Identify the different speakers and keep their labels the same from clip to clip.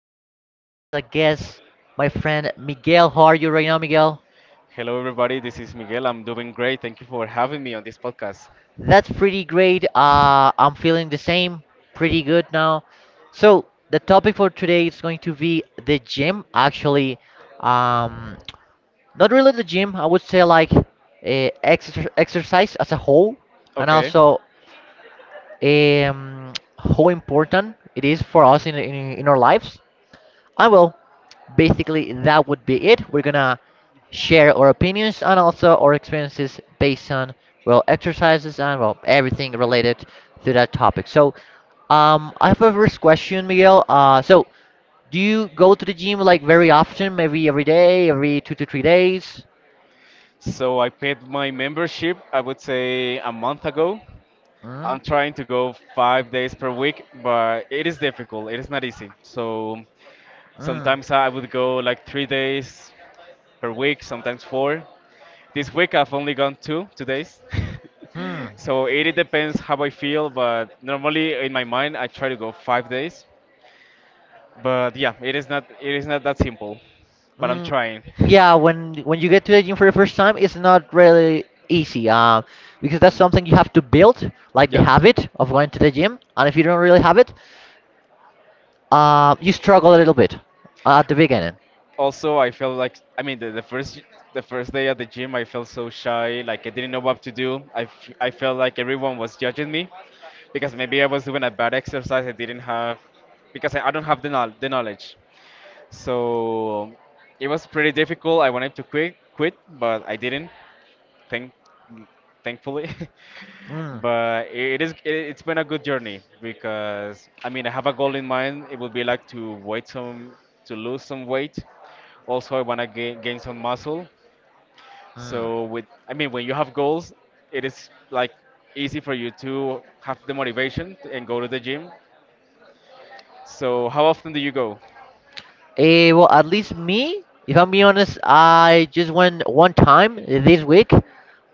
Speaker 1: we have as a guest my friend Miguel. How are you right now, Miguel?
Speaker 2: Hello, everybody. This is Miguel. I'm doing great. Thank you for having me on this podcast.
Speaker 1: That's pretty great. I'm feeling the same, pretty good now. So, the topic for today is going to be the gym, actually. Um, Not really the gym, I would say like exercise as a whole, and
Speaker 2: Okay,
Speaker 1: also um, how important it is for us in our lives. I will. Basically, that would be it. We're gonna share our opinions and also our experiences based on well exercises and well everything related to that topic. So, I have a first question, Miguel. So do you go to the gym like very often? Maybe every day, every 2 to 3 days?
Speaker 2: so I paid my membership, I would say a month ago.
Speaker 1: Mm.
Speaker 2: I'm trying to go 5 days per week, but it is difficult. It is not easy. So
Speaker 1: Mm.
Speaker 2: sometimes I would go like 3 days per week, sometimes four. This week I've only gone two days.
Speaker 1: Hmm.
Speaker 2: So it depends how I feel, but normally in my mind I try to go 5 days. But yeah, it is not that simple. But I'm
Speaker 1: Mm,
Speaker 2: trying.
Speaker 1: yeah, when you get to the gym for the first time, it's not really easy, because that's something you have to build, like the
Speaker 2: Yes.
Speaker 1: habit of going to the gym. And if you don't really have it, you struggle a little bit at the beginning.
Speaker 2: Also, I felt like the first day at the gym, I felt so shy, like I didn't know what to do. I felt like everyone was judging me because maybe I was doing a bad exercise. I didn't have because I don't have the knowledge. So it was pretty difficult. I wanted to quit, but I didn't. Thank thankfully.
Speaker 1: Mm.
Speaker 2: but it is it, it's been a good journey because I mean I have a goal in mind. It would be like to weight some to lose some weight. Also, I want to gain some muscle.
Speaker 1: Mm.
Speaker 2: So with I mean when you have goals, it is like easy for you to have the motivation and go to the gym. So how often do you go?
Speaker 1: Well, at least me, if I'm being honest, I just went one time this week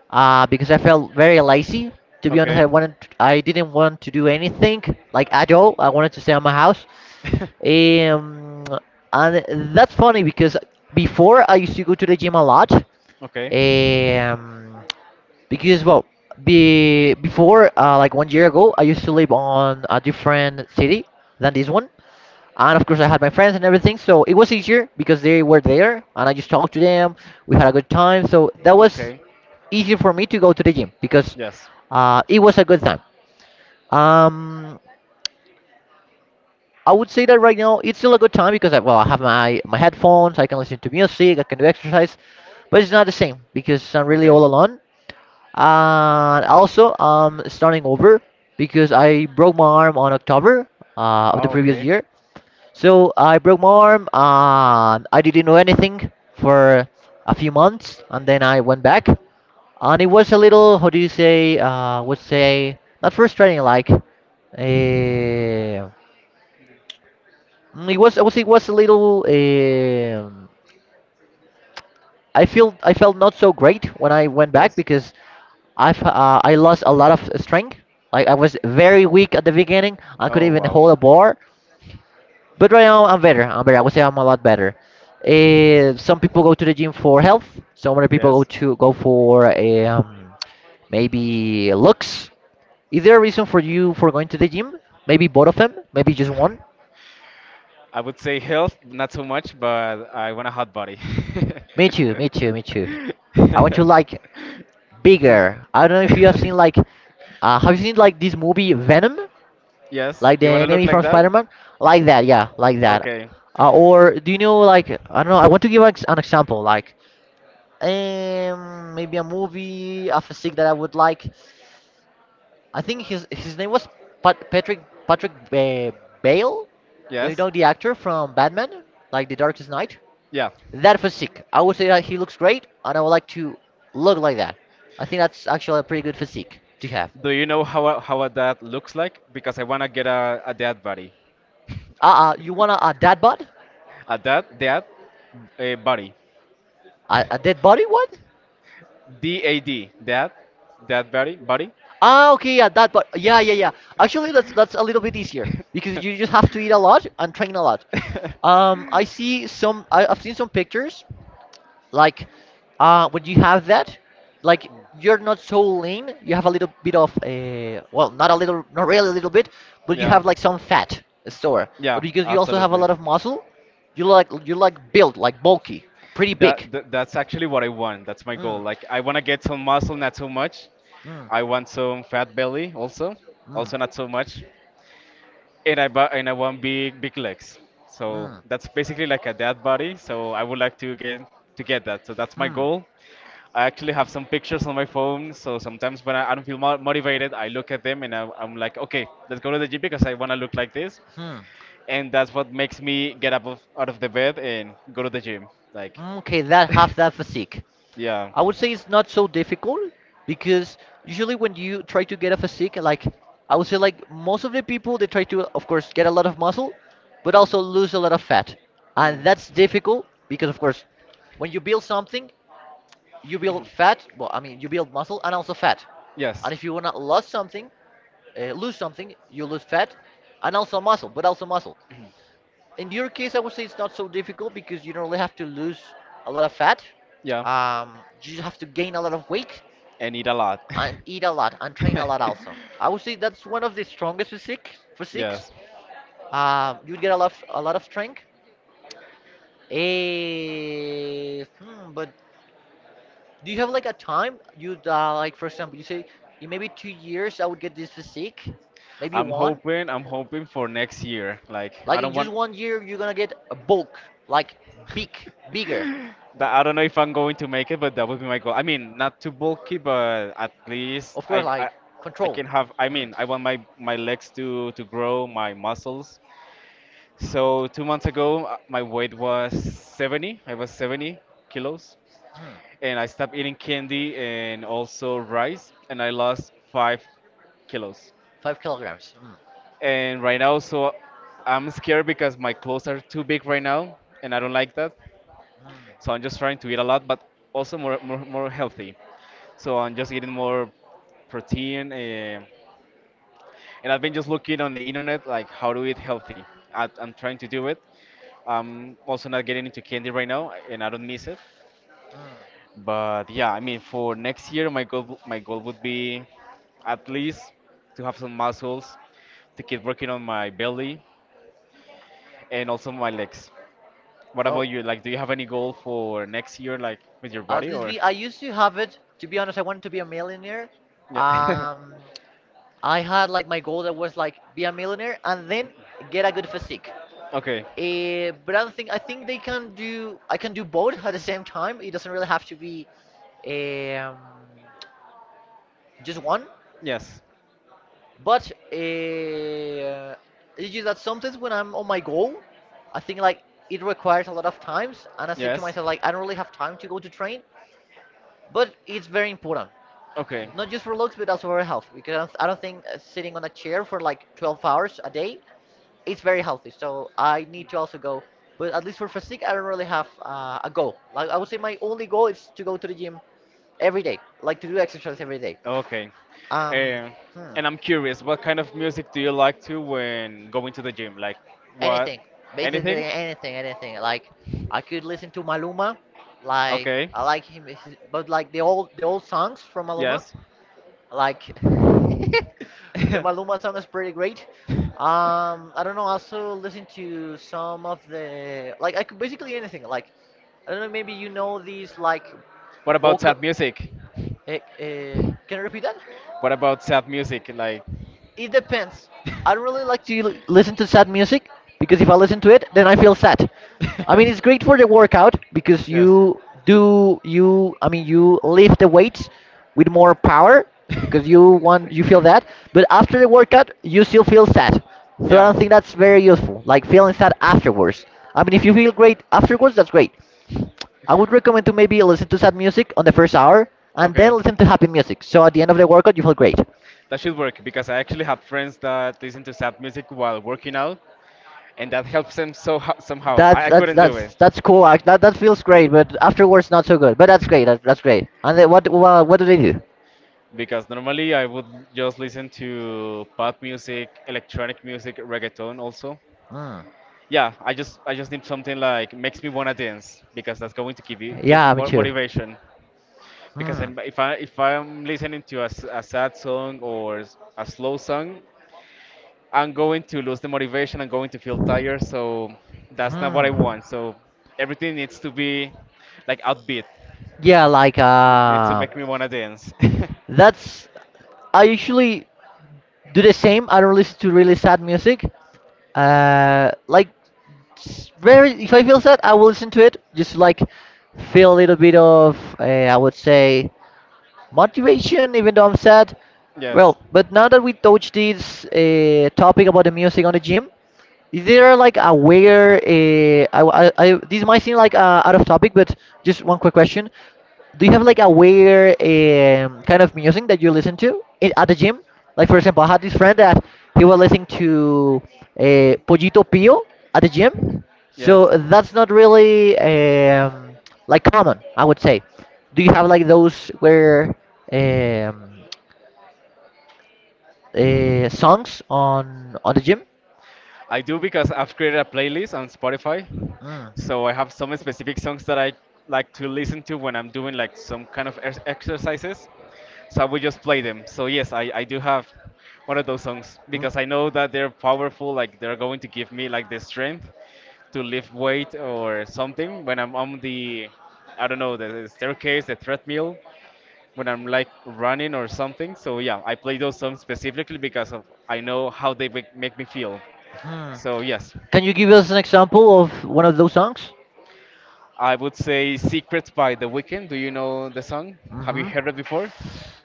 Speaker 1: because I felt very lazy. To be honest,
Speaker 2: Okay.
Speaker 1: I didn't want to do anything like at all. I wanted to stay at my house. Um, and that's funny because before I used to go to the gym a lot.
Speaker 2: Okay.
Speaker 1: Um, because well, be before like one year ago, I used to live on a different city than this one. And of course, I had my friends and everything, so it was easier because they were there, and I just talked to them. We had a good time, so that was
Speaker 2: Okay.
Speaker 1: easier for me to go to the gym because
Speaker 2: Yes.
Speaker 1: it was a good time. Um, I would say that right now it's still a good time because well, I have my headphones, I can listen to music, I can do exercise, but it's not the same because I'm really
Speaker 2: Okay.
Speaker 1: all alone. And also, I'm starting over because I broke my arm on October of the
Speaker 2: Oh,
Speaker 1: previous
Speaker 2: okay.
Speaker 1: year. So I broke my arm and I didn't know anything for a few months, and then I went back, and it was a little, how do you say, would say not frustrating, like, it it was a little, I felt not so great when I went back
Speaker 2: Yes.
Speaker 1: because I lost a lot of strength. Like I was very weak at the beginning. I couldn't
Speaker 2: Oh,
Speaker 1: even hold a
Speaker 2: wow.
Speaker 1: bar. But right now I'm better. I'm better. I would say I'm a lot better. Some people go to the gym for health. Some other people go
Speaker 2: Yes.
Speaker 1: to go for maybe looks. Is there a reason for you for going to the gym? Maybe both of them. Maybe just one.
Speaker 2: I would say health, not so much, but I want a hot body.
Speaker 1: Me too. Me too. Me too. I want to like bigger. I don't know if you have seen have you seen like this movie Venom?
Speaker 2: yes,
Speaker 1: Like the
Speaker 2: you want to look
Speaker 1: enemy
Speaker 2: like
Speaker 1: from
Speaker 2: that?
Speaker 1: Spider-Man? Like that. Yeah. Like that.
Speaker 2: Okay.
Speaker 1: Or do you know like I don't know? I want to give an example like. Maybe a movie of a sick that I would like. I think his name was Pat Patrick Patrick Bale. Do you
Speaker 2: Yes.
Speaker 1: know the actor from Batman, like The Darkest Knight?
Speaker 2: Yeah.
Speaker 1: That physique, I would say that he looks great, and I would like to look like that. I think that's actually a pretty good physique to have.
Speaker 2: Do you know how a dad looks like? Because I want to get a dad body.
Speaker 1: You wanna a dad bod?
Speaker 2: A dad dad a body.
Speaker 1: A dead body? What?
Speaker 2: DAD. Dad body.
Speaker 1: Ah, okay, yeah, that, but yeah, yeah, yeah. Actually, that's a little bit easier because you just have to eat a lot and train a lot. I see some. I've seen some pictures like, when you have that, like you're not so lean. You have a little bit of a well, not a little, not really a little bit, but you
Speaker 2: Yeah,
Speaker 1: have like some fat store.
Speaker 2: yeah,
Speaker 1: But because you also have a
Speaker 2: absolutely.
Speaker 1: lot of muscle, you like built like bulky, pretty big.
Speaker 2: That's actually what I want. That's my goal.
Speaker 1: Mm.
Speaker 2: Like I want to get some muscle, not too much.
Speaker 1: Mm.
Speaker 2: I want some fat belly also,
Speaker 1: Mm.
Speaker 2: also not so much. And I want big legs. So
Speaker 1: Mm.
Speaker 2: that's basically like a dead body. So I would like to get that. So that's my
Speaker 1: Hmm.
Speaker 2: goal. I actually have some pictures on my phone, so sometimes when I don't feel motivated, I look at them and I'm like, okay, let's go to the gym because I want to look like this,
Speaker 1: Hmm.
Speaker 2: and that's what makes me get up of, out of the bed and go to the gym. Like,
Speaker 1: Okay, that have that physique.
Speaker 2: yeah.
Speaker 1: I would say it's not so difficult because usually when you try to get a physique, like I would say, like most of the people, they try to, of course, get a lot of muscle, but also lose a lot of fat, and
Speaker 2: Hmm.
Speaker 1: that's difficult because, of course, when you build something, you build fat. Well, I mean, you build muscle and also fat,
Speaker 2: Yes,
Speaker 1: and if you wanna lose something, you lose fat and also muscle, but also muscle. In your case, I would say it's not so difficult because you don't really have to lose a lot of fat.
Speaker 2: yeah,
Speaker 1: Um, you just have to gain a lot of weight
Speaker 2: and eat a lot.
Speaker 1: and eat a lot and train a lot also. I would say that's one of the strongest physiques.
Speaker 2: Yes.
Speaker 1: You'd get a lot of strength. But do you have like a time you'd like for example you say in maybe 2 years I would get this physique, maybe
Speaker 2: I'm
Speaker 1: one.
Speaker 2: hoping, I'm hoping for next year. Like, I
Speaker 1: Like
Speaker 2: don't
Speaker 1: in just
Speaker 2: want.
Speaker 1: one year, you're gonna get a bulk, like big, bigger.
Speaker 2: That I don't know if I'm going to make it, but that would be my goal. I mean, not too bulky, but at least
Speaker 1: Of course,
Speaker 2: I, I,
Speaker 1: like
Speaker 2: I
Speaker 1: control.
Speaker 2: can have. I
Speaker 1: Mm.
Speaker 2: mean, I want my my legs to grow, my muscles. So 2 months ago, my weight was 70. I was 70 kilos,
Speaker 1: Mm.
Speaker 2: and I stopped eating candy and also rice, and I lost 5 kilos.
Speaker 1: 5 kilograms. Mm.
Speaker 2: And right now, so I'm scared because my clothes are too big right now, and I don't like that.
Speaker 1: Mm.
Speaker 2: So I'm just trying to eat a lot, but also more healthy. So I'm just eating more protein, and I've been just looking on the internet like how to eat healthy. I'm trying to do it. I'm also not getting into candy right now, and I don't miss it.
Speaker 1: Mm.
Speaker 2: But yeah, I mean, for next year, my goal would be at least to have some muscles, to keep working on my belly and also my legs. What about
Speaker 1: No,
Speaker 2: you? Like, do you have any goal for next year, like with your
Speaker 1: at
Speaker 2: body
Speaker 1: least
Speaker 2: or?
Speaker 1: be. I used to have it. To be honest, I wanted to be a millionaire.
Speaker 2: Yeah.
Speaker 1: Um, I had like my goal that was like be a millionaire and then get a good physique.
Speaker 2: okay.
Speaker 1: But I don't think I think they can do I can do both at the same time. It doesn't really have to be um, just one.
Speaker 2: Yes.
Speaker 1: But it's just that sometimes when I'm on my goal, I think like it requires a lot of times, and I say to
Speaker 2: Yes.
Speaker 1: myself like I don't really have time to go to train. But it's very important,
Speaker 2: Okay.
Speaker 1: not just for looks but also for health, because I don't think sitting on a chair for like 12 hours a day it's very healthy. So I need to also go. But at least for physique, I don't really have a goal. Like I would say, my only goal is to go to the gym every day, like to do exercise every day.
Speaker 2: Okay.
Speaker 1: Um,
Speaker 2: Um,
Speaker 1: hmm,
Speaker 2: and I'm curious, what kind of music do you like to when going to the gym? Like what?
Speaker 1: anything, basically
Speaker 2: Anything?
Speaker 1: anything, anything. Like I could listen to Maluma, like
Speaker 2: Okay.
Speaker 1: I like him, but like the old songs from Maluma.
Speaker 2: Yes.
Speaker 1: Like the Maluma song is pretty great. I don't know. Also listen to some of the like I could basically anything. Like I don't know. Maybe you know these like
Speaker 2: What about
Speaker 1: vocal.
Speaker 2: sad music?
Speaker 1: Can you repeat that?
Speaker 2: What about sad music? Like
Speaker 1: It depends. I don't really like to listen to sad music because if I listen to it, then I feel sad. I mean, it's great for the workout because
Speaker 2: Yes.
Speaker 1: you do you. I mean, you lift the weights with more power because you feel that. But after the workout, you still feel sad. So I
Speaker 2: Yeah.
Speaker 1: don't think that's very useful. Like feeling sad afterwards. I mean, if you feel great afterwards, that's great. I would recommend to maybe listen to sad music on the first hour and
Speaker 2: Okay.
Speaker 1: then listen to happy music. So at the end of the workout, you feel great.
Speaker 2: That should work because I actually have friends that listen to sad music while working out, and that helps them so somehow.
Speaker 1: That's
Speaker 2: I
Speaker 1: that's
Speaker 2: couldn't do it.
Speaker 1: that's that's cool. Act That feels great, but afterwards not so good. But that's great. That's that's great. And then what well, what do they do?
Speaker 2: Because normally I would just listen to pop music, electronic music, reggaeton also.
Speaker 1: Hmm.
Speaker 2: Yeah, I just need something like makes me wanna dance because that's going to give me
Speaker 1: Yeah, me
Speaker 2: more
Speaker 1: too.
Speaker 2: motivation. Because
Speaker 1: Hmm.
Speaker 2: I'm, if I if I'm listening to a sad song or a slow song, I'm going to lose the motivation. I'm going to feel tired. So that's not what I
Speaker 1: Hmm.
Speaker 2: want. So everything needs to be like upbeat.
Speaker 1: Yeah, like
Speaker 2: It needs to make me wanna dance.
Speaker 1: that's I usually do the same. I don't listen to really sad music. Like very if I feel sad, I will listen to it just to, like feel a little bit of I would say motivation, even though I'm sad.
Speaker 2: yes.
Speaker 1: Well, but now that we touched this topic about the music on the gym, is there like a where I this might seem like out of topic, but just one quick question: do you have like a weird kind of music that you listen to at the gym? Like for example, I had this friend that he was listening to Pollito Pio at the gym,
Speaker 2: Yes.
Speaker 1: so that's not really like common, I would say. Do you have like those where um, songs on the gym?
Speaker 2: I do because I've created a playlist on Spotify.
Speaker 1: Mm.
Speaker 2: So I have some specific songs that I like to listen to when I'm doing like some kind of exercises. So I will just play them. So yes, I do have one of those songs because I know that they're powerful, like they're going to give me like the strength to lift weight or something when I'm on the I don't know, the staircase, the treadmill, when I'm like running or something. So yeah, I play those songs specifically because of I know how they make me feel.
Speaker 1: Mhm.
Speaker 2: So yes,
Speaker 1: Can you give us an example of one of those songs?
Speaker 2: I would say "Secrets" by The Weeknd. Do you know the song? Have you
Speaker 1: Hmm.
Speaker 2: heard it before?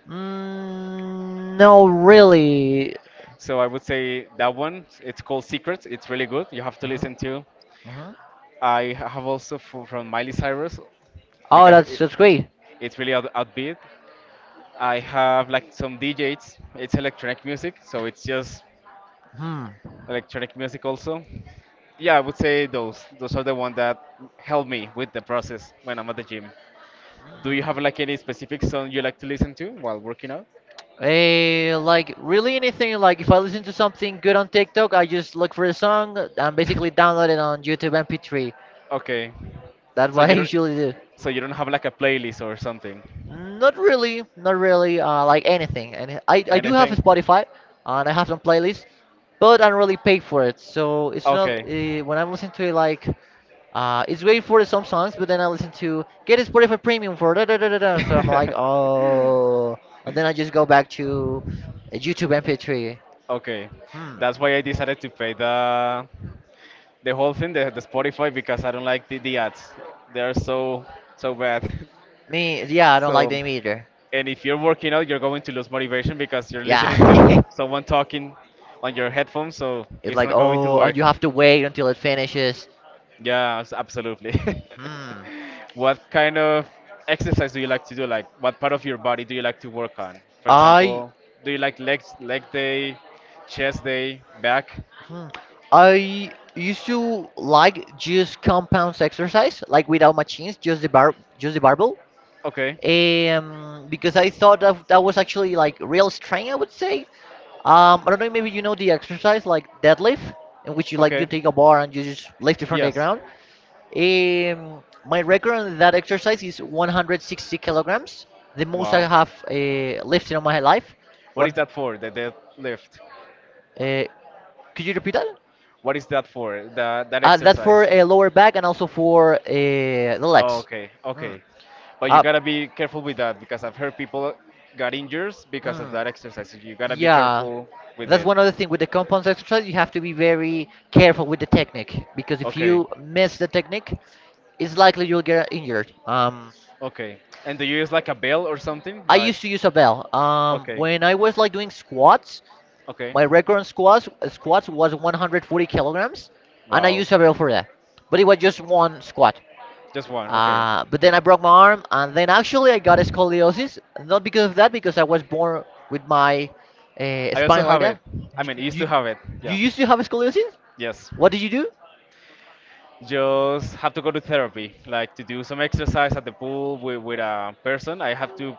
Speaker 1: Mm, no, really.
Speaker 2: So I would say that one. It's called "Secrets." It's really good. You have to
Speaker 1: Hmm.
Speaker 2: listen to.
Speaker 1: Hmm.
Speaker 2: I have also from Miley Cyrus
Speaker 1: Oh,
Speaker 2: because
Speaker 1: that's
Speaker 2: it,
Speaker 1: that's great.
Speaker 2: it's really out, outbeat. I have like some DJs. It's electronic music, so it's just
Speaker 1: Hmm.
Speaker 2: electronic music also. Yeah, I would say those. Those are the one that help me with the process when I'm at the gym. Do you have like any specific song you like to listen to while working out?
Speaker 1: Like really anything. Like if I listen to something good on TikTok, I just look for a song and basically download it on YouTube MP3.
Speaker 2: Okay.
Speaker 1: That's
Speaker 2: So
Speaker 1: what I
Speaker 2: you don't
Speaker 1: usually do.
Speaker 2: so you don't have like a playlist or something.
Speaker 1: Not really, not really. Like anything, and I do have a
Speaker 2: Anything?
Speaker 1: Spotify, and I have some playlists, but I don't really pay for it. So it's not
Speaker 2: Okay.
Speaker 1: when I'm listening to it like. It's great for some songs, but then I listen to get a Spotify Premium for da da da da da. So I'm like, oh, and then I just go back to YouTube MP3.
Speaker 2: okay.
Speaker 1: Hmm.
Speaker 2: That's why I decided to pay the whole thing, the Spotify because I don't like the ads. They are so so bad.
Speaker 1: Me, yeah, I don't like
Speaker 2: So
Speaker 1: them either.
Speaker 2: and if you're working out, you're going to lose motivation because you're listening to
Speaker 1: Yeah.
Speaker 2: someone talking on your headphones, so
Speaker 1: It's
Speaker 2: it's
Speaker 1: like,
Speaker 2: not going to
Speaker 1: oh, and
Speaker 2: work.
Speaker 1: you have to wait until it finishes.
Speaker 2: Yeah, absolutely.
Speaker 1: Hmm.
Speaker 2: What kind of exercise do you like to do? Like, what part of your body do you like to work on? For
Speaker 1: I
Speaker 2: example, do you like legs, leg day, chest day, back?
Speaker 1: Hmm. I used to like just compounds exercise, like without machines, just the bar, just the barbell,
Speaker 2: Okay,
Speaker 1: because I thought that that was actually like real strength, I would say. I don't know. Maybe you know the exercise like deadlift, in which you
Speaker 2: okay,
Speaker 1: take a bar and you just lift it from the
Speaker 2: yes.
Speaker 1: ground. My record on that exercise is 160 kilograms, the most I
Speaker 2: Wow.
Speaker 1: have lifted in my life.
Speaker 2: What is
Speaker 1: One.
Speaker 2: that for? The deadlift?
Speaker 1: Uh, could you repeat that?
Speaker 2: What is that for? The, that
Speaker 1: That's for
Speaker 2: exercise?
Speaker 1: a lower back and also for the
Speaker 2: Oh,
Speaker 1: legs.
Speaker 2: okay,
Speaker 1: Mm.
Speaker 2: okay. But you
Speaker 1: Uh,
Speaker 2: gotta be careful with that because I've heard people got injuries because of
Speaker 1: mm,
Speaker 2: that exercise. So you gotta be
Speaker 1: yeah,
Speaker 2: careful with
Speaker 1: that's
Speaker 2: it.
Speaker 1: one other thing with the compound exercise. You have to be very careful with the technique, because if
Speaker 2: Okay,
Speaker 1: you miss the technique, it's likely you'll get injured.
Speaker 2: okay. And do you use like a bell or something?
Speaker 1: I
Speaker 2: Like,
Speaker 1: used to use a bell.
Speaker 2: okay,
Speaker 1: When I was like doing squats,
Speaker 2: okay.
Speaker 1: my record on squats was 140 kilograms, and I
Speaker 2: Wow.
Speaker 1: used a bell for that. But it was just one squat.
Speaker 2: Just one, okay.
Speaker 1: But then I broke my arm, and then actually I got a scoliosis. Not because of that, because I was born with my
Speaker 2: I also
Speaker 1: spine like
Speaker 2: have it.
Speaker 1: that.
Speaker 2: I
Speaker 1: You,
Speaker 2: mean, I used to
Speaker 1: you,
Speaker 2: have it.
Speaker 1: you
Speaker 2: Yeah.
Speaker 1: used to have a scoliosis?
Speaker 2: Yes.
Speaker 1: What did you do?
Speaker 2: Just have to go to therapy, like to do some exercise at the pool with a person. I have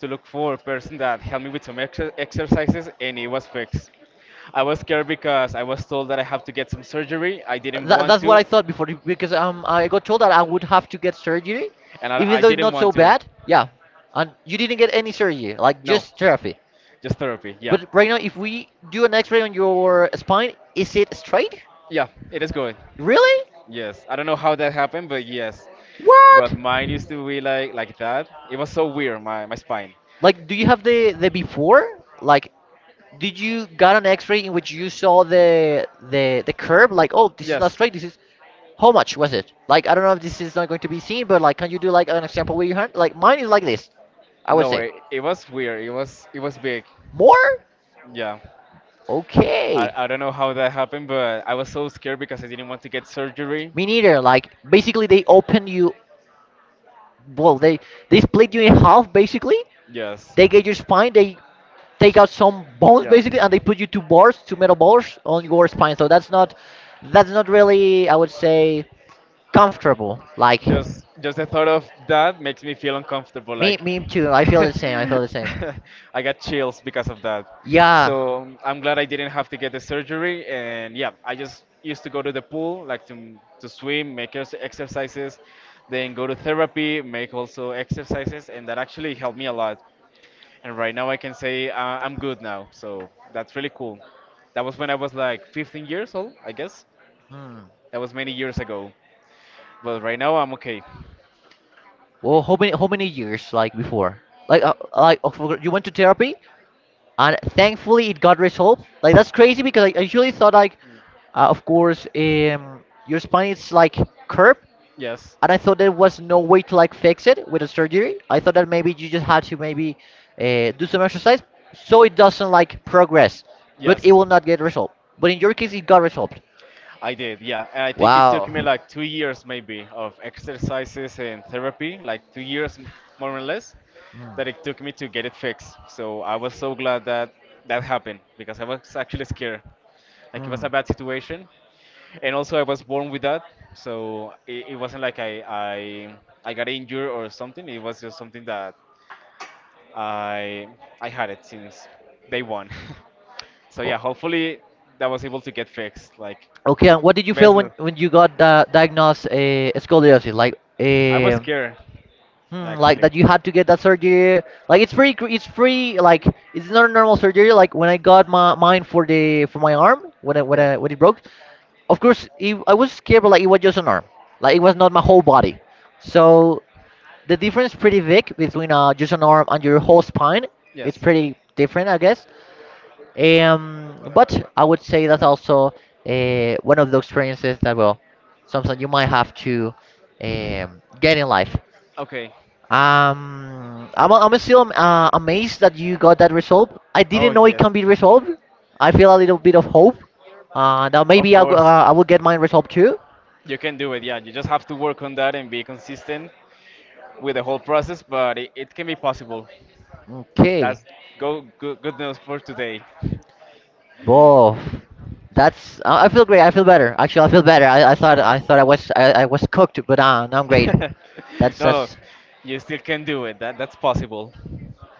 Speaker 2: to look for a person that helped me with some exercises, and it was fixed. I was scared because I was told that I have to get some surgery. I didn't
Speaker 1: That,
Speaker 2: want
Speaker 1: that's what
Speaker 2: to,
Speaker 1: I thought before, because I got told that I would have to get surgery,
Speaker 2: and I,
Speaker 1: even
Speaker 2: I
Speaker 1: though it's
Speaker 2: didn't
Speaker 1: not
Speaker 2: want
Speaker 1: so
Speaker 2: to.
Speaker 1: bad. Yeah, and you didn't get any surgery, like
Speaker 2: No,
Speaker 1: just therapy.
Speaker 2: just therapy. Yeah,
Speaker 1: But right now, if we do an X-ray on your spine, is it straight?
Speaker 2: yeah, it is good.
Speaker 1: Really?
Speaker 2: Yes, I don't know how that happened, but yes. But
Speaker 1: What?
Speaker 2: mine used to be like that. It was so weird, my spine.
Speaker 1: Like, do you have the before? Like, did you got an X-ray in which you saw the curve? Like, oh, this is not
Speaker 2: Yes.
Speaker 1: straight. This is how much was it? Like, I don't know if this is not going to be seen, but like, can you do like an example with your hand? Like, mine is like this. I would
Speaker 2: No,
Speaker 1: say
Speaker 2: it was weird. It was big.
Speaker 1: more.
Speaker 2: Yeah. I,
Speaker 1: Okay.
Speaker 2: I don't know how that happened, but I was so scared because I didn't want to get surgery.
Speaker 1: Me neither. Like, basically, they open you. Well, they split you in half basically.
Speaker 2: Yes.
Speaker 1: They get your spine. They take out some bones
Speaker 2: Yeah.
Speaker 1: basically, and they put you two bars, two metal bars on your spine. So that's not really, I would say, comfortable. Like
Speaker 2: Just the thought of that makes me feel uncomfortable.
Speaker 1: me,
Speaker 2: Like
Speaker 1: me too. I feel the same. I feel the same.
Speaker 2: I got chills because of that.
Speaker 1: Yeah.
Speaker 2: So I'm glad I didn't have to get the surgery. And yeah, I just used to go to the pool, like to swim, make exercises, then go to therapy, make also exercises, and that actually helped me a lot. And right now I can say I'm good now. So that's really cool. That was when I was like 15 years old, I guess.
Speaker 1: Hmm.
Speaker 2: That was many years ago. But right now I'm okay.
Speaker 1: Well, how many years like before? Like, you went to therapy, and thankfully it got resolved. Like that's crazy because I usually thought like, of course, your spine is like curved,
Speaker 2: Yes,
Speaker 1: and I thought there was no way to like fix it with a surgery. I thought that maybe you just had to maybe do some exercise so it doesn't like progress, but it
Speaker 2: yes,
Speaker 1: will not get resolved. But in your case, it got resolved.
Speaker 2: I did. Yeah, and I think it took
Speaker 1: Wow.
Speaker 2: me like 2 years maybe of exercises and therapy, like more or less,
Speaker 1: Mm,
Speaker 2: that it took me to get it fixed. So I was so glad that that happened because I was actually scared. Like it was
Speaker 1: mm.
Speaker 2: a bad situation, and also I was born with that, so it wasn't like I got injured or something. It was just something that I I had it since day one. So
Speaker 1: O-
Speaker 2: yeah, hopefully that was able to get fixed. Like
Speaker 1: Okay, and what did you feel
Speaker 2: Business.
Speaker 1: when you got diagnosed scoliosis? Like,
Speaker 2: I was scared,
Speaker 1: Hmm, like
Speaker 2: actually.
Speaker 1: that you had to get that surgery. Like it's pretty. Like it's not a normal surgery. Like when I got my mine for the for my arm when I, when
Speaker 2: Yeah.
Speaker 1: I, when it broke, of course it, I was scared, but like it was just an arm. Like it was not my whole body. So the difference is pretty big between just an arm and your whole spine. It's
Speaker 2: Yes.
Speaker 1: pretty different, I guess. But I would say that's
Speaker 2: Well,
Speaker 1: also one of the experiences that well, something you might have to get in life.
Speaker 2: okay.
Speaker 1: I'm still amazed that you got that resolve. I didn't
Speaker 2: Oh,
Speaker 1: know it
Speaker 2: yes.
Speaker 1: can be resolved. I feel a little bit of hope. Now
Speaker 2: Of
Speaker 1: maybe
Speaker 2: course.
Speaker 1: I will get mine resolved too.
Speaker 2: You can do it, yeah. You just have to work on that and be consistent with the whole process, but it can be possible.
Speaker 1: Okay,
Speaker 2: That's good news for today.
Speaker 1: both. That's I feel great. I feel better. Actually, I feel better. I thought I thought I was cooked, but now I'm great.
Speaker 2: No,
Speaker 1: That's
Speaker 2: no.
Speaker 1: that's
Speaker 2: You still can do it. That's possible.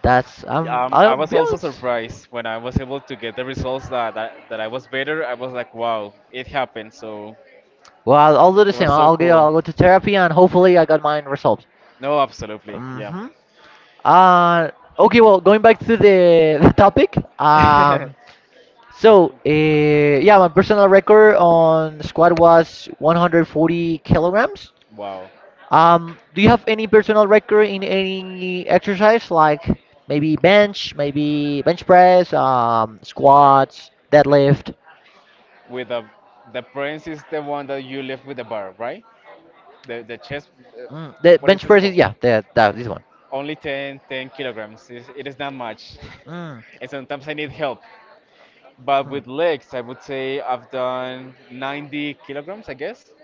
Speaker 1: that's
Speaker 2: Um,
Speaker 1: I
Speaker 2: I
Speaker 1: don't
Speaker 2: was
Speaker 1: be
Speaker 2: also
Speaker 1: honest.
Speaker 2: surprised when I was able to get the results that I was better. I was like, wow, it happened. So
Speaker 1: Well, I'll do the
Speaker 2: it
Speaker 1: same.
Speaker 2: was so
Speaker 1: I'll
Speaker 2: cool.
Speaker 1: go to therapy and hopefully I got mine resolved.
Speaker 2: No, absolutely, yeah.
Speaker 1: Mhm. Uh, okay, well, going back to the topic. Um, so, uh, yeah, my personal record on squat was 140 kilograms.
Speaker 2: Wow,
Speaker 1: Do you have any personal record in any exercise like maybe bench press, squats, deadlift?
Speaker 2: with the prince is the one that you left with the bar, right? The chest. Uh,
Speaker 1: Mm, the
Speaker 2: what is
Speaker 1: bench
Speaker 2: this
Speaker 1: press is
Speaker 2: called?
Speaker 1: yeah, the, that this one.
Speaker 2: Only ten kilograms. It is not much,
Speaker 1: Mm,
Speaker 2: and sometimes I need help. But
Speaker 1: hmm.
Speaker 2: with legs, I would say I've done 90 kilograms, I guess.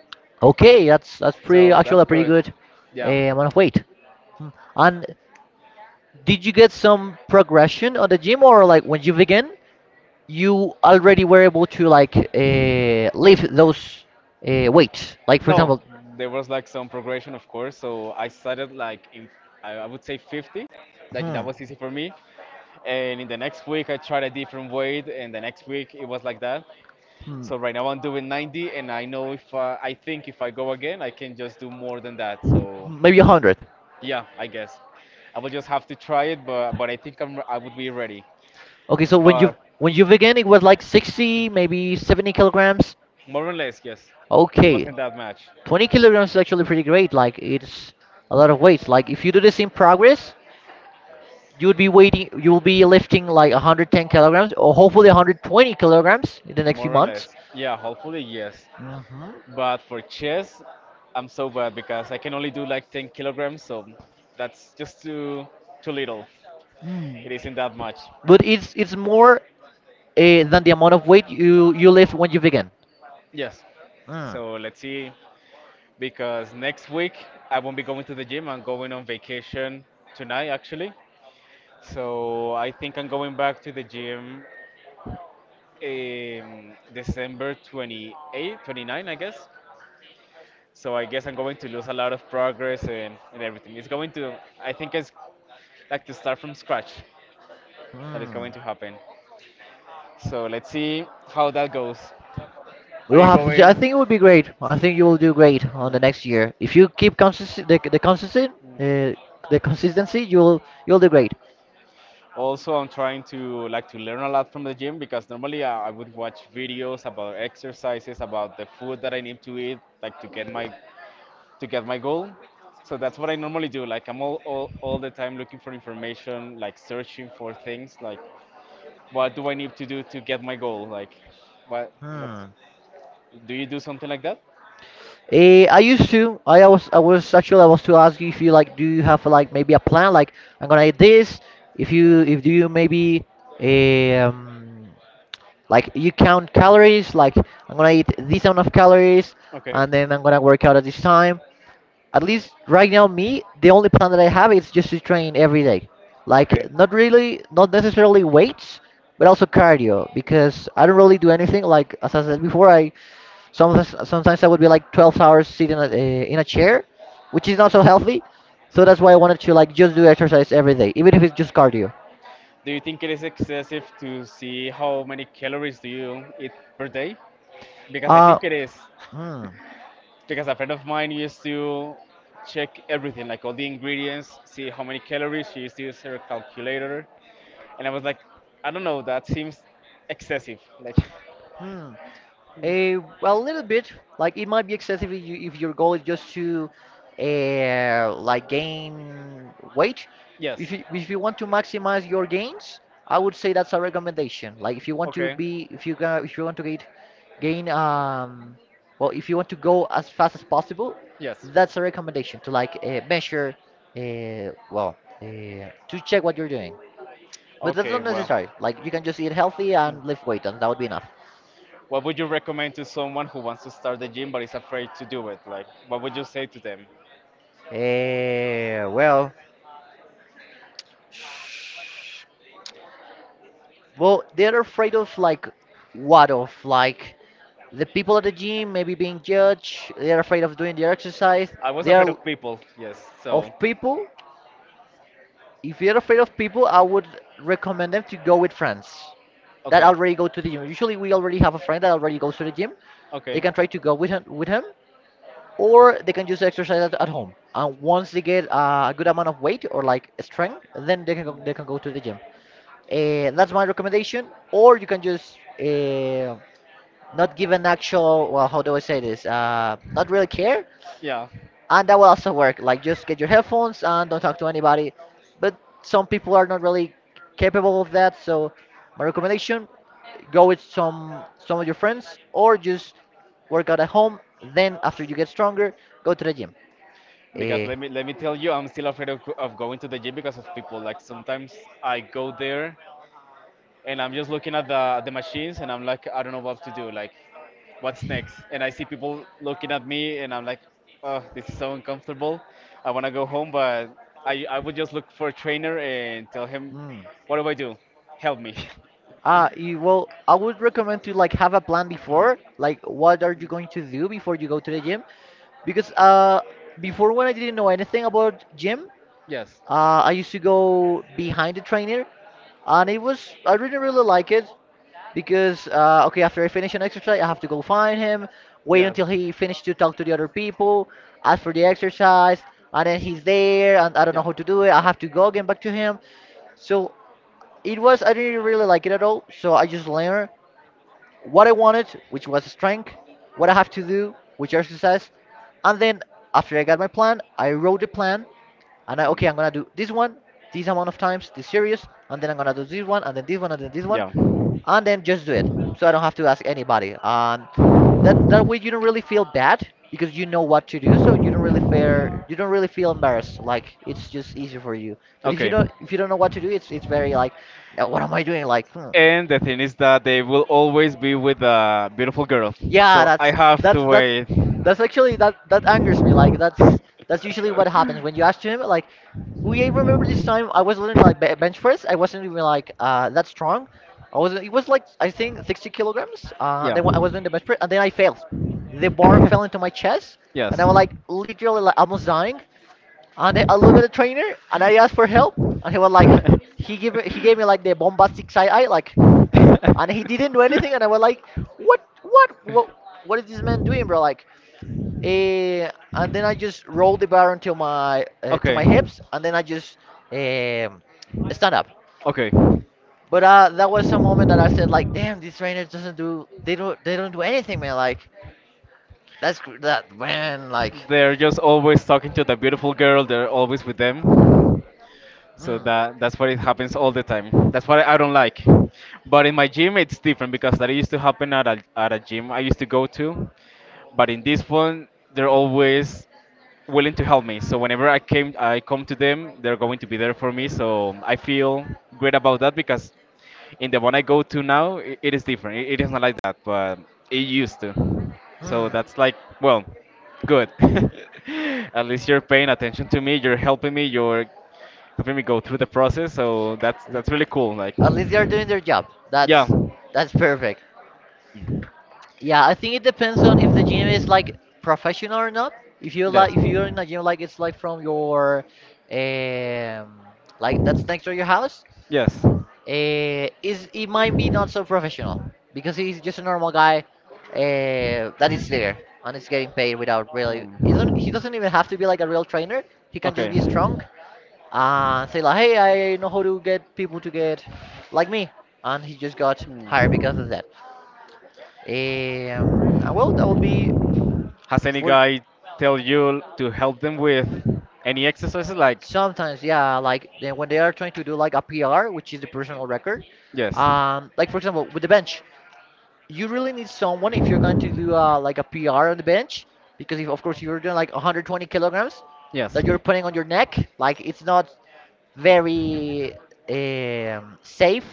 Speaker 1: Okay, that's pretty
Speaker 2: So
Speaker 1: actually a
Speaker 2: that's
Speaker 1: pretty
Speaker 2: good.
Speaker 1: good
Speaker 2: Yeah.
Speaker 1: amount of weight. Hmm. And did you get some progression on the gym, or like when you began, you already were able to like lift those weights? Like for
Speaker 2: No,
Speaker 1: example,
Speaker 2: there was like some progression, of course. So I started like in, I would say 50, like
Speaker 1: hmm,
Speaker 2: that was easy for me. And in the next week, I tried a different weight, and the next week it was like that.
Speaker 1: hmm,
Speaker 2: So right now I'm doing 90, and I know if I think if I go again, I can just do more than that. So
Speaker 1: maybe a hundred.
Speaker 2: yeah, I guess I will just have to try it, but I think I would be ready.
Speaker 1: Okay, so when you
Speaker 2: But
Speaker 1: when you began, it was like 60, maybe 70 kilograms.
Speaker 2: more or less, yes, it
Speaker 1: Okay,
Speaker 2: wasn't that much.
Speaker 1: 20 kilograms is actually pretty great. Like it's a lot of weights. Like if you do this in progress, you would be waiting. You will be lifting like 110 kilograms, or hopefully 120 kilograms in the next few
Speaker 2: More or
Speaker 1: months.
Speaker 2: less, yeah. Hopefully, yes.
Speaker 1: Hmm,
Speaker 2: But for chess, I'm so bad because I can only do like 10 kilograms, so that's just too little. It isn't that much.
Speaker 1: but it's more than the amount of weight you lift when you begin.
Speaker 2: Yes.
Speaker 1: Mm.
Speaker 2: So let's see. Because next week I won't be going to the gym. I'm going on vacation tonight, actually. So I think I'm going back to the gym in December 28, 29, I guess. So I guess I'm going to lose a lot of progress and everything. It's going to, I think it's like to start from scratch. That is
Speaker 1: Mm.
Speaker 2: going to happen. So let's see how that goes.
Speaker 1: We
Speaker 2: Are
Speaker 1: will
Speaker 2: you
Speaker 1: have to see. I
Speaker 2: going?
Speaker 1: think it would be great. I think you will do great on the
Speaker 2: Mm.
Speaker 1: next year if you keep consistency.
Speaker 2: Mm.
Speaker 1: Uh, the consistency, you'll do great.
Speaker 2: Also, I'm trying to like to learn a lot from the gym because normally I would watch videos about exercises, about the food that I need to eat, like to get my goal. So that's what I normally do. Like I'm all the time looking for information, like searching for things, like what do I need to do to get my goal? Like what what
Speaker 1: Hmm.
Speaker 2: do you do something like that?
Speaker 1: I used to. I was. I was actually. I was to ask you if you like. Do you have like maybe a plan? Like I'm gonna eat this. If you. If do you maybe. Eh, Like you count calories. Like I'm gonna eat this amount of calories,
Speaker 2: Okay.
Speaker 1: and then I'm gonna work out at this time. At least right now, me the only plan that I have is just to train every day. Like
Speaker 2: Okay.
Speaker 1: not necessarily weights, but also cardio because I don't really do anything. Like as I said before, I sometimes I would be like 12 hours sitting in a chair, which is not so healthy. So that's why I wanted to like just do exercise every day, even if it's just cardio.
Speaker 2: Do you think it is excessive to see how many calories do you eat per day? Because I
Speaker 1: Uh,
Speaker 2: think it is.
Speaker 1: hmm,
Speaker 2: Because a friend of mine used to check everything, like all the ingredients, see how many calories. She used to use her calculator, and I was like, I don't know, that seems excessive. Like,
Speaker 1: hmm. A, well, a little bit. Like it might be excessive if your goal is just to, like gain weight.
Speaker 2: yes,
Speaker 1: If you want to maximize your gains, I would say that's a recommendation. Like if you want to
Speaker 2: okay,
Speaker 1: be, if you ga- if you want to get, gain, well, if you want to go as fast as possible,
Speaker 2: yes,
Speaker 1: that's a recommendation to like measure, to check what you're doing. But that's
Speaker 2: okay.
Speaker 1: not
Speaker 2: Well,
Speaker 1: necessary. Like you can just eat healthy and lift weight, and that would be enough.
Speaker 2: what would you recommend to someone who wants to start the gym but is afraid to do it? Like, what would you say to them?
Speaker 1: Eh, well, they're afraid of like what of like the people at the gym maybe being judged. They're afraid of doing the exercise.
Speaker 2: I was
Speaker 1: They are
Speaker 2: afraid
Speaker 1: l-
Speaker 2: of people, yes.
Speaker 1: of
Speaker 2: So,
Speaker 1: people. If you're afraid of people, I would recommend them to go with friends that
Speaker 2: okay,
Speaker 1: already go to the gym. Usually, we already have a friend that already goes to the gym. They
Speaker 2: okay.
Speaker 1: can try to go with him, or they can just exercise at home. And once they get a good amount of weight or like strength, then they can go to the gym. That's my recommendation. Or you can just not give an actual, well, how do I say this? Not really care.
Speaker 2: Yeah,
Speaker 1: And that will also work. Like, just get your headphones and don't talk to anybody. But some people are not really capable of that. So, my recommendation go with some of your friends or just work out at home. Then, after you get stronger, go to the gym.
Speaker 2: because
Speaker 1: Uh,
Speaker 2: let me tell you, I'm still afraid of, of going to the gym because of people. Like sometimes I go there and I'm just looking at the machines and I'm like, I don't know what to do. Like, what's next? And I see people looking at me and I'm like, oh, this is so uncomfortable. I want to go home, but I would just look for a trainer and tell him,
Speaker 1: hmm.
Speaker 2: what do I do? Help me.
Speaker 1: Ah, you, well, I would recommend to like have a plan before, like what are you going to do before you go to the gym? Because before when I didn't know anything about gym,
Speaker 2: Yes.
Speaker 1: I used to go behind the trainer, and it was I didn't really like it because okay, after I finish an exercise, I have to go find him, wait
Speaker 2: Yes.
Speaker 1: until he finished to talk to the other people, ask for the exercise, and then he's there, and I don't know
Speaker 2: Yeah.
Speaker 1: how to do it. I have to go again back to him. So it was I didn't really like it at all. So I just learned what I wanted, which was strength, what I have to do, which exercise, and then after I got my plan, I wrote the plan, and I okay, I'm gonna do this one, this amount of times, this series, and then I'm gonna do this one, and then this one, and then this one,
Speaker 2: Yeah.
Speaker 1: and then just do it, so I don't have to ask anybody. That way you don't really feel bad because you know what to do, so you don't really fear, you don't really feel embarrassed. Like it's just easy for you. But
Speaker 2: Okay.
Speaker 1: if you don't know what to do, it's very like, "Now what am I doing? Like, hmm.
Speaker 2: And the thing is that they will always be with a beautiful girl.
Speaker 1: Yeah,
Speaker 2: So I
Speaker 1: that's
Speaker 2: have to
Speaker 1: that's that's
Speaker 2: wait.
Speaker 1: that's actually that angers me. Like that's usually what happens when you ask him. Like, we remember this time I was doing like bench press. I wasn't even like that strong. I was it was like I think 60 kilograms.
Speaker 2: Yeah.
Speaker 1: Then when I was doing the bench press and then I failed. The bar fell into my chest and I
Speaker 2: Yes.
Speaker 1: was like literally like almost dying. And then I look at the trainer and I asked for help and he was like he gave me like the bombastic side eye like and he didn't do anything and I was like what what is this man doing, bro? Like and then I just roll the bar until my to
Speaker 2: Okay.
Speaker 1: my hips, and then I just um, stand up.
Speaker 2: Okay.
Speaker 1: But that was a moment that I said like, damn, these trainers doesn't do they don't do anything, man. Like that man like,
Speaker 2: They're just always talking to the beautiful girl. They're always with them. So
Speaker 1: hmm,
Speaker 2: that's what it happens all the time. That's what I don't like. But in my gym, it's different because that used to happen at a gym I used to go to. But in this one, they're always willing to help me. So whenever I came, I come to them, they're going to be there for me. So I feel great about that because in the one I go to now, I it is different. It is not like that, but it used to. So
Speaker 1: hmm.
Speaker 2: that's like, well, good. At least you're paying attention to me. You're helping me. You're helping me go through the process. So that's really cool. Like,
Speaker 1: At least they are doing their job.
Speaker 2: yeah,
Speaker 1: That's perfect. Yeah, I think it depends on if the gym is like professional or not. If you like,
Speaker 2: yes,
Speaker 1: if you're in a gym like it's like from your, um, like that's next to your house,
Speaker 2: yes.
Speaker 1: uh, is he might be not so professional because he's just a normal guy that is there and is getting paid without really. He doesn't.
Speaker 2: Hmm.
Speaker 1: He doesn't even have to be like a real trainer. He can just
Speaker 2: Okay.
Speaker 1: be strong and say like, "Hey, I know how to get people to get like me," and he just got hired because
Speaker 2: Hmm.
Speaker 1: of that. And well, that would be
Speaker 2: Has any
Speaker 1: for
Speaker 2: guy tell you to help them with any exercises? Like,
Speaker 1: sometimes, yeah, like then when they are trying to do like a PR, which is the personal record.
Speaker 2: yes,
Speaker 1: Like for example, with the bench, you really need someone if you're going to do like a PR on the bench, because if of course you're doing like 120 kilograms
Speaker 2: yes.
Speaker 1: that you're putting on your neck, like it's not very safe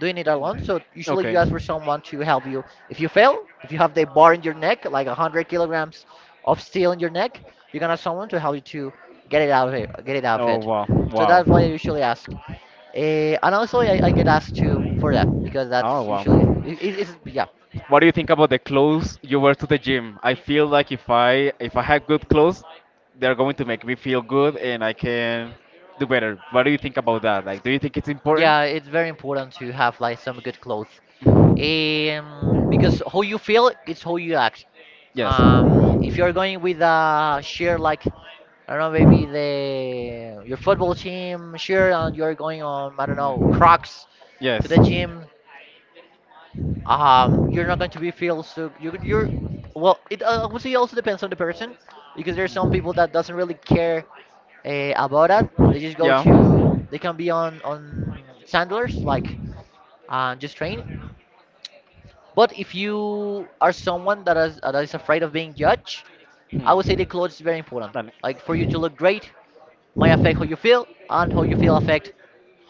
Speaker 1: doing it alone. So usually you
Speaker 2: Okay.
Speaker 1: ask for someone to help you. If you fail, if you have the bar in your neck, like 100 kilograms of steel in your neck, you're gonna have someone to help you to get it out of
Speaker 2: Oh
Speaker 1: it.
Speaker 2: wow,
Speaker 1: So
Speaker 2: wow.
Speaker 1: that's why I usually ask. And honestly, I get asked too for that because
Speaker 2: Oh
Speaker 1: that's usually
Speaker 2: wow.
Speaker 1: it's yeah,
Speaker 2: What do you think about the clothes you wear to the gym? I feel like if I have good clothes, they're going to make me feel good and I can do better. What do you think about that? Like, do you think it's important?
Speaker 1: yeah, it's very important to have like some good clothes, um, because how you feel is how you act.
Speaker 2: Yes.
Speaker 1: If you're
Speaker 2: Mm.
Speaker 1: going with a shirt like I don't know maybe the your football team shirt and you're going on I don't know Crocs to
Speaker 2: Yes.
Speaker 1: the gym, um, you're not going to be feel so you're well it obviously also depends on the person because there's some people that doesn't really care about that they just go
Speaker 2: Yeah.
Speaker 1: to they can be on sandals like just train but if you are someone that is afraid of being judged, I would say the
Speaker 2: Hmm.
Speaker 1: clothes is very important
Speaker 2: Dale.
Speaker 1: like for you to look great might affect how you feel, and how you feel affect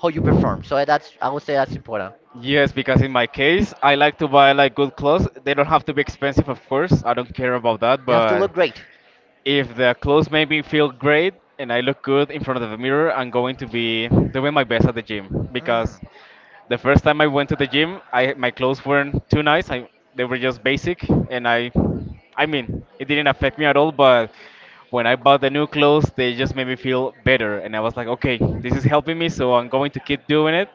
Speaker 1: how you perform, so that's I would say that's important.
Speaker 2: Yes, because in my case, I like to buy like good clothes. They don't have to be expensive, of course. I don't care about that,
Speaker 1: They have to
Speaker 2: but
Speaker 1: look great.
Speaker 2: if the clothes make me feel great and I look good in front of the mirror, I'm going to be doing my best at the gym
Speaker 1: Mm.
Speaker 2: because the first time I went to the gym, I my clothes weren't too nice. I they were just basic, and I mean, it didn't affect me at all. But when I bought the new clothes, they just made me feel better, and I was like, okay, this is helping me, so I'm going to keep doing it.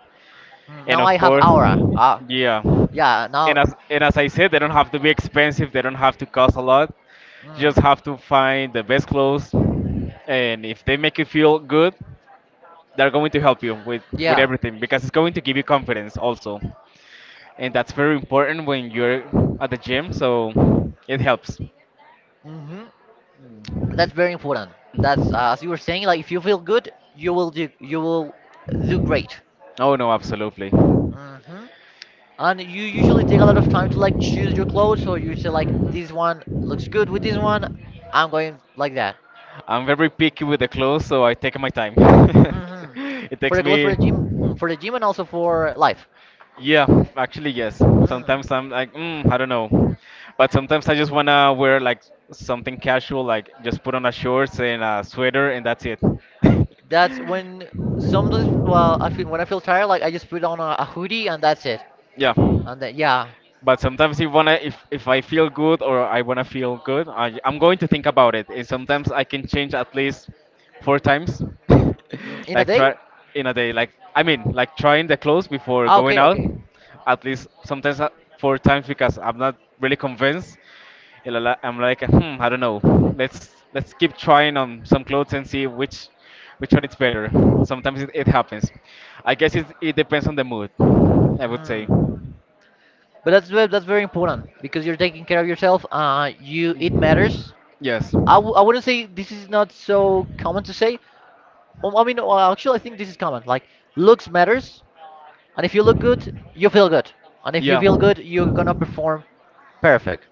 Speaker 1: Mm,
Speaker 2: And
Speaker 1: now I
Speaker 2: of
Speaker 1: have
Speaker 2: course,
Speaker 1: aura. Ah,
Speaker 2: yeah.
Speaker 1: yeah. Now,
Speaker 2: And as I said, they don't have to be expensive. They don't have to cost a lot. You just
Speaker 1: mm,
Speaker 2: have to find the best clothes, and if they make you feel good, they're going to help you with with
Speaker 1: yeah.
Speaker 2: everything because it's going to give you confidence also, and that's very important when you're at the gym. So it helps.
Speaker 1: Hmm. That's very important. That's as you were saying. Like, if you feel good, you will do. You will do great.
Speaker 2: Oh no, absolutely.
Speaker 1: Hmm. And you usually take a lot of time to like choose your clothes, so you say like, this one looks good with this one. I'm going like that.
Speaker 2: I'm very picky with the clothes, so I take my time.
Speaker 1: Hmm.
Speaker 2: It
Speaker 1: For
Speaker 2: takes
Speaker 1: the clothes for
Speaker 2: me
Speaker 1: the gym, mhm, for the gym, and also for life.
Speaker 2: Yeah, actually, yes.
Speaker 1: Mm.
Speaker 2: Sometimes I'm like, mm, I don't know. But sometimes I just wanna wear like something casual, like just put on a shorts and a sweater, and that's it.
Speaker 1: That's when sometimes, well, I feel when I feel tired, like I just put on a hoodie and that's it.
Speaker 2: Yeah.
Speaker 1: And then yeah.
Speaker 2: But sometimes if wanna if I feel good or I wanna feel good, I'm going to think about it. And sometimes I can change at least four times.
Speaker 1: Mm, in a
Speaker 2: Like
Speaker 1: day?
Speaker 2: try in a day. Like I mean, like trying the clothes before
Speaker 1: Ah,
Speaker 2: going
Speaker 1: okay,
Speaker 2: out.
Speaker 1: okay.
Speaker 2: At least sometimes four times because I'm not really convinced. You know, I'm like, hmm, I don't know. Let's keep trying on some clothes and see which one is better. Sometimes it happens. I guess it depends on the mood. I would say.
Speaker 1: Hmm.
Speaker 2: Mm,
Speaker 1: But that's very important because you're taking care of yourself. You it matters.
Speaker 2: Yes.
Speaker 1: I wouldn't say this is not so common to say. Well, I mean, well, actually, I think this is common. Like, looks matters, and if you look good, you feel good, and if you
Speaker 2: Yeah,
Speaker 1: feel good, you're gonna perform perfect.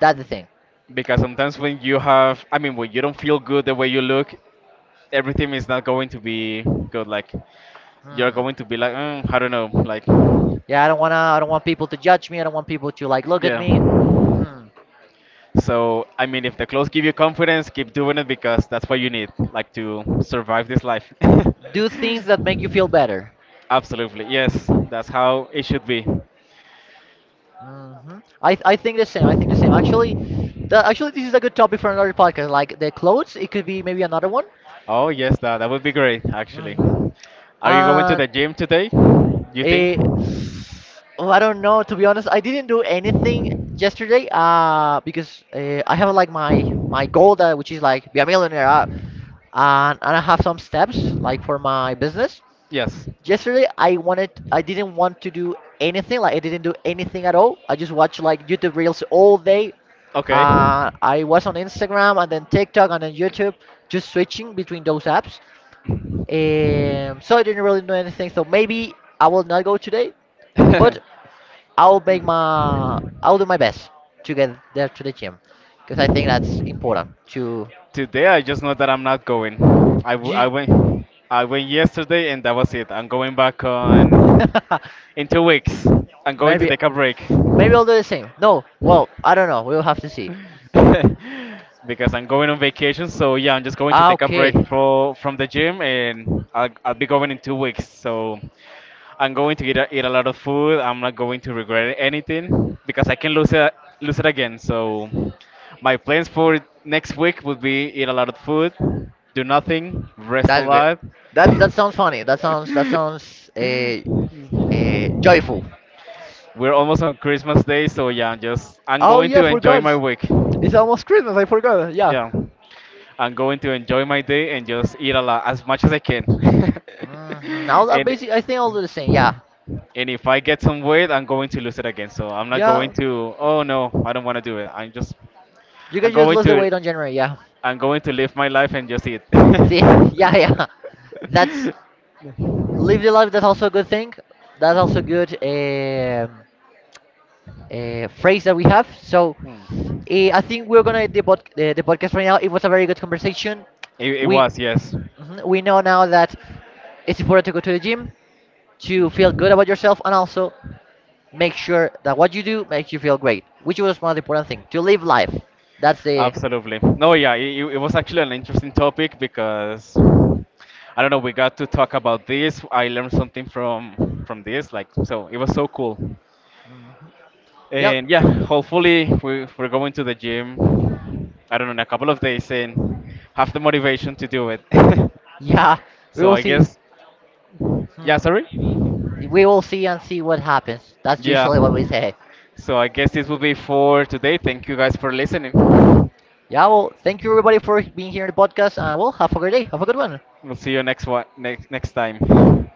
Speaker 1: That's the thing.
Speaker 2: because sometimes when you have, I mean, when you don't feel good the way you look, everything is not going to be good. Like you're
Speaker 1: Hmm.
Speaker 2: going to be like, mm, I don't know, like
Speaker 1: Yeah, I don't wanna. I don't want people to judge me. I don't want people to like look at me.
Speaker 2: yeah.
Speaker 1: Mm.
Speaker 2: So I mean, if the clothes give you confidence, keep doing it because that's what you need, like to survive this life.
Speaker 1: Do things that make you feel better.
Speaker 2: Absolutely, yes, that's how it should be.
Speaker 1: Hmm. I think the same. I think the same. Actually, actually this is a good topic for another podcast. Like the clothes, it could be maybe another one.
Speaker 2: Oh yes, that that would be great actually.
Speaker 1: Hmm.
Speaker 2: Are you going to
Speaker 1: And
Speaker 2: the gym today? You think?
Speaker 1: eh, oh, I don't know. To be honest, I didn't do anything yesterday. Because I have like my goal that which is like be a millionaire. And I have some steps like for my business.
Speaker 2: Yes.
Speaker 1: Yesterday I didn't want to do anything like I didn't do anything at all, I just watched like YouTube reels all day.
Speaker 2: Okay.
Speaker 1: I was on Instagram and then TikTok and then YouTube, just switching between those apps. Um, so I didn't really do anything, so maybe I will not go today, but I'll make my I'll do my best to get there to the gym because I think that's important to
Speaker 2: Today I just know that I'm not going. I, w- I
Speaker 1: you.
Speaker 2: went I went yesterday and that was it. I'm going back on in 2 weeks. I'm going to
Speaker 1: Maybe
Speaker 2: take a break.
Speaker 1: maybe I'll do the same, no well I don't know, we'll have to see.
Speaker 2: Because I'm going on vacation, so yeah, I'm just going to
Speaker 1: Ah,
Speaker 2: take a
Speaker 1: okay,
Speaker 2: break from the gym and I'll be going in 2 weeks. So I'm going to eat a lot of food. I'm not going to regret anything because I can lose it again. So my plans for next week would be eat a lot of food, do nothing, rest a
Speaker 1: that's great.
Speaker 2: lot.
Speaker 1: That's that sounds funny. That sounds joyful.
Speaker 2: We're almost on Christmas Day, so yeah, just I'm
Speaker 1: Oh
Speaker 2: going
Speaker 1: yeah, I
Speaker 2: to enjoy
Speaker 1: forgot.
Speaker 2: my week.
Speaker 1: It's almost Christmas. I forgot. Yeah,
Speaker 2: Yeah, I'm going to enjoy my day and just eat a lot as much as I can.
Speaker 1: mm-hmm. I
Speaker 2: and
Speaker 1: basically I think I'll do the same. Yeah,
Speaker 2: And if I get some weight, I'm going to lose it again. So I'm not going
Speaker 1: yeah,
Speaker 2: to. Oh no, I don't want to do it. I'm just.
Speaker 1: you can
Speaker 2: I'm
Speaker 1: just
Speaker 2: going
Speaker 1: lose the
Speaker 2: to.
Speaker 1: weight on January. Yeah,
Speaker 2: I'm going to live my life and just eat.
Speaker 1: see, yeah, yeah. That's live the life. That's also a good thing. That's also good phrase that we have. So
Speaker 2: Hmm.
Speaker 1: I think we're gonna end the podcast right now. It was a very good conversation.
Speaker 2: It
Speaker 1: We
Speaker 2: was yes,
Speaker 1: mhm, we know now that it's important to go to the gym to feel good about yourself and also make sure that what you do makes you feel great, which was one of the important things to live life. That's the
Speaker 2: absolutely. No, yeah, it was actually an interesting topic because I don't know. We got to talk about this. I learned something from this. Like so, it was so cool.
Speaker 1: yep,
Speaker 2: And yeah, hopefully we're going to the gym, I don't know, in a couple of days and have the motivation to do it.
Speaker 1: yeah. We
Speaker 2: So
Speaker 1: will
Speaker 2: I
Speaker 1: see.
Speaker 2: guess, yeah,
Speaker 1: Hmm.
Speaker 2: sorry?
Speaker 1: We will see and see what happens. That's
Speaker 2: Yeah.
Speaker 1: usually what we say.
Speaker 2: So I guess this will be for today. Thank you guys for listening. We'll
Speaker 1: Yeah. Well, thank you everybody for being here in the podcast, and well, have a great day. Have a good one.
Speaker 2: see you next next time.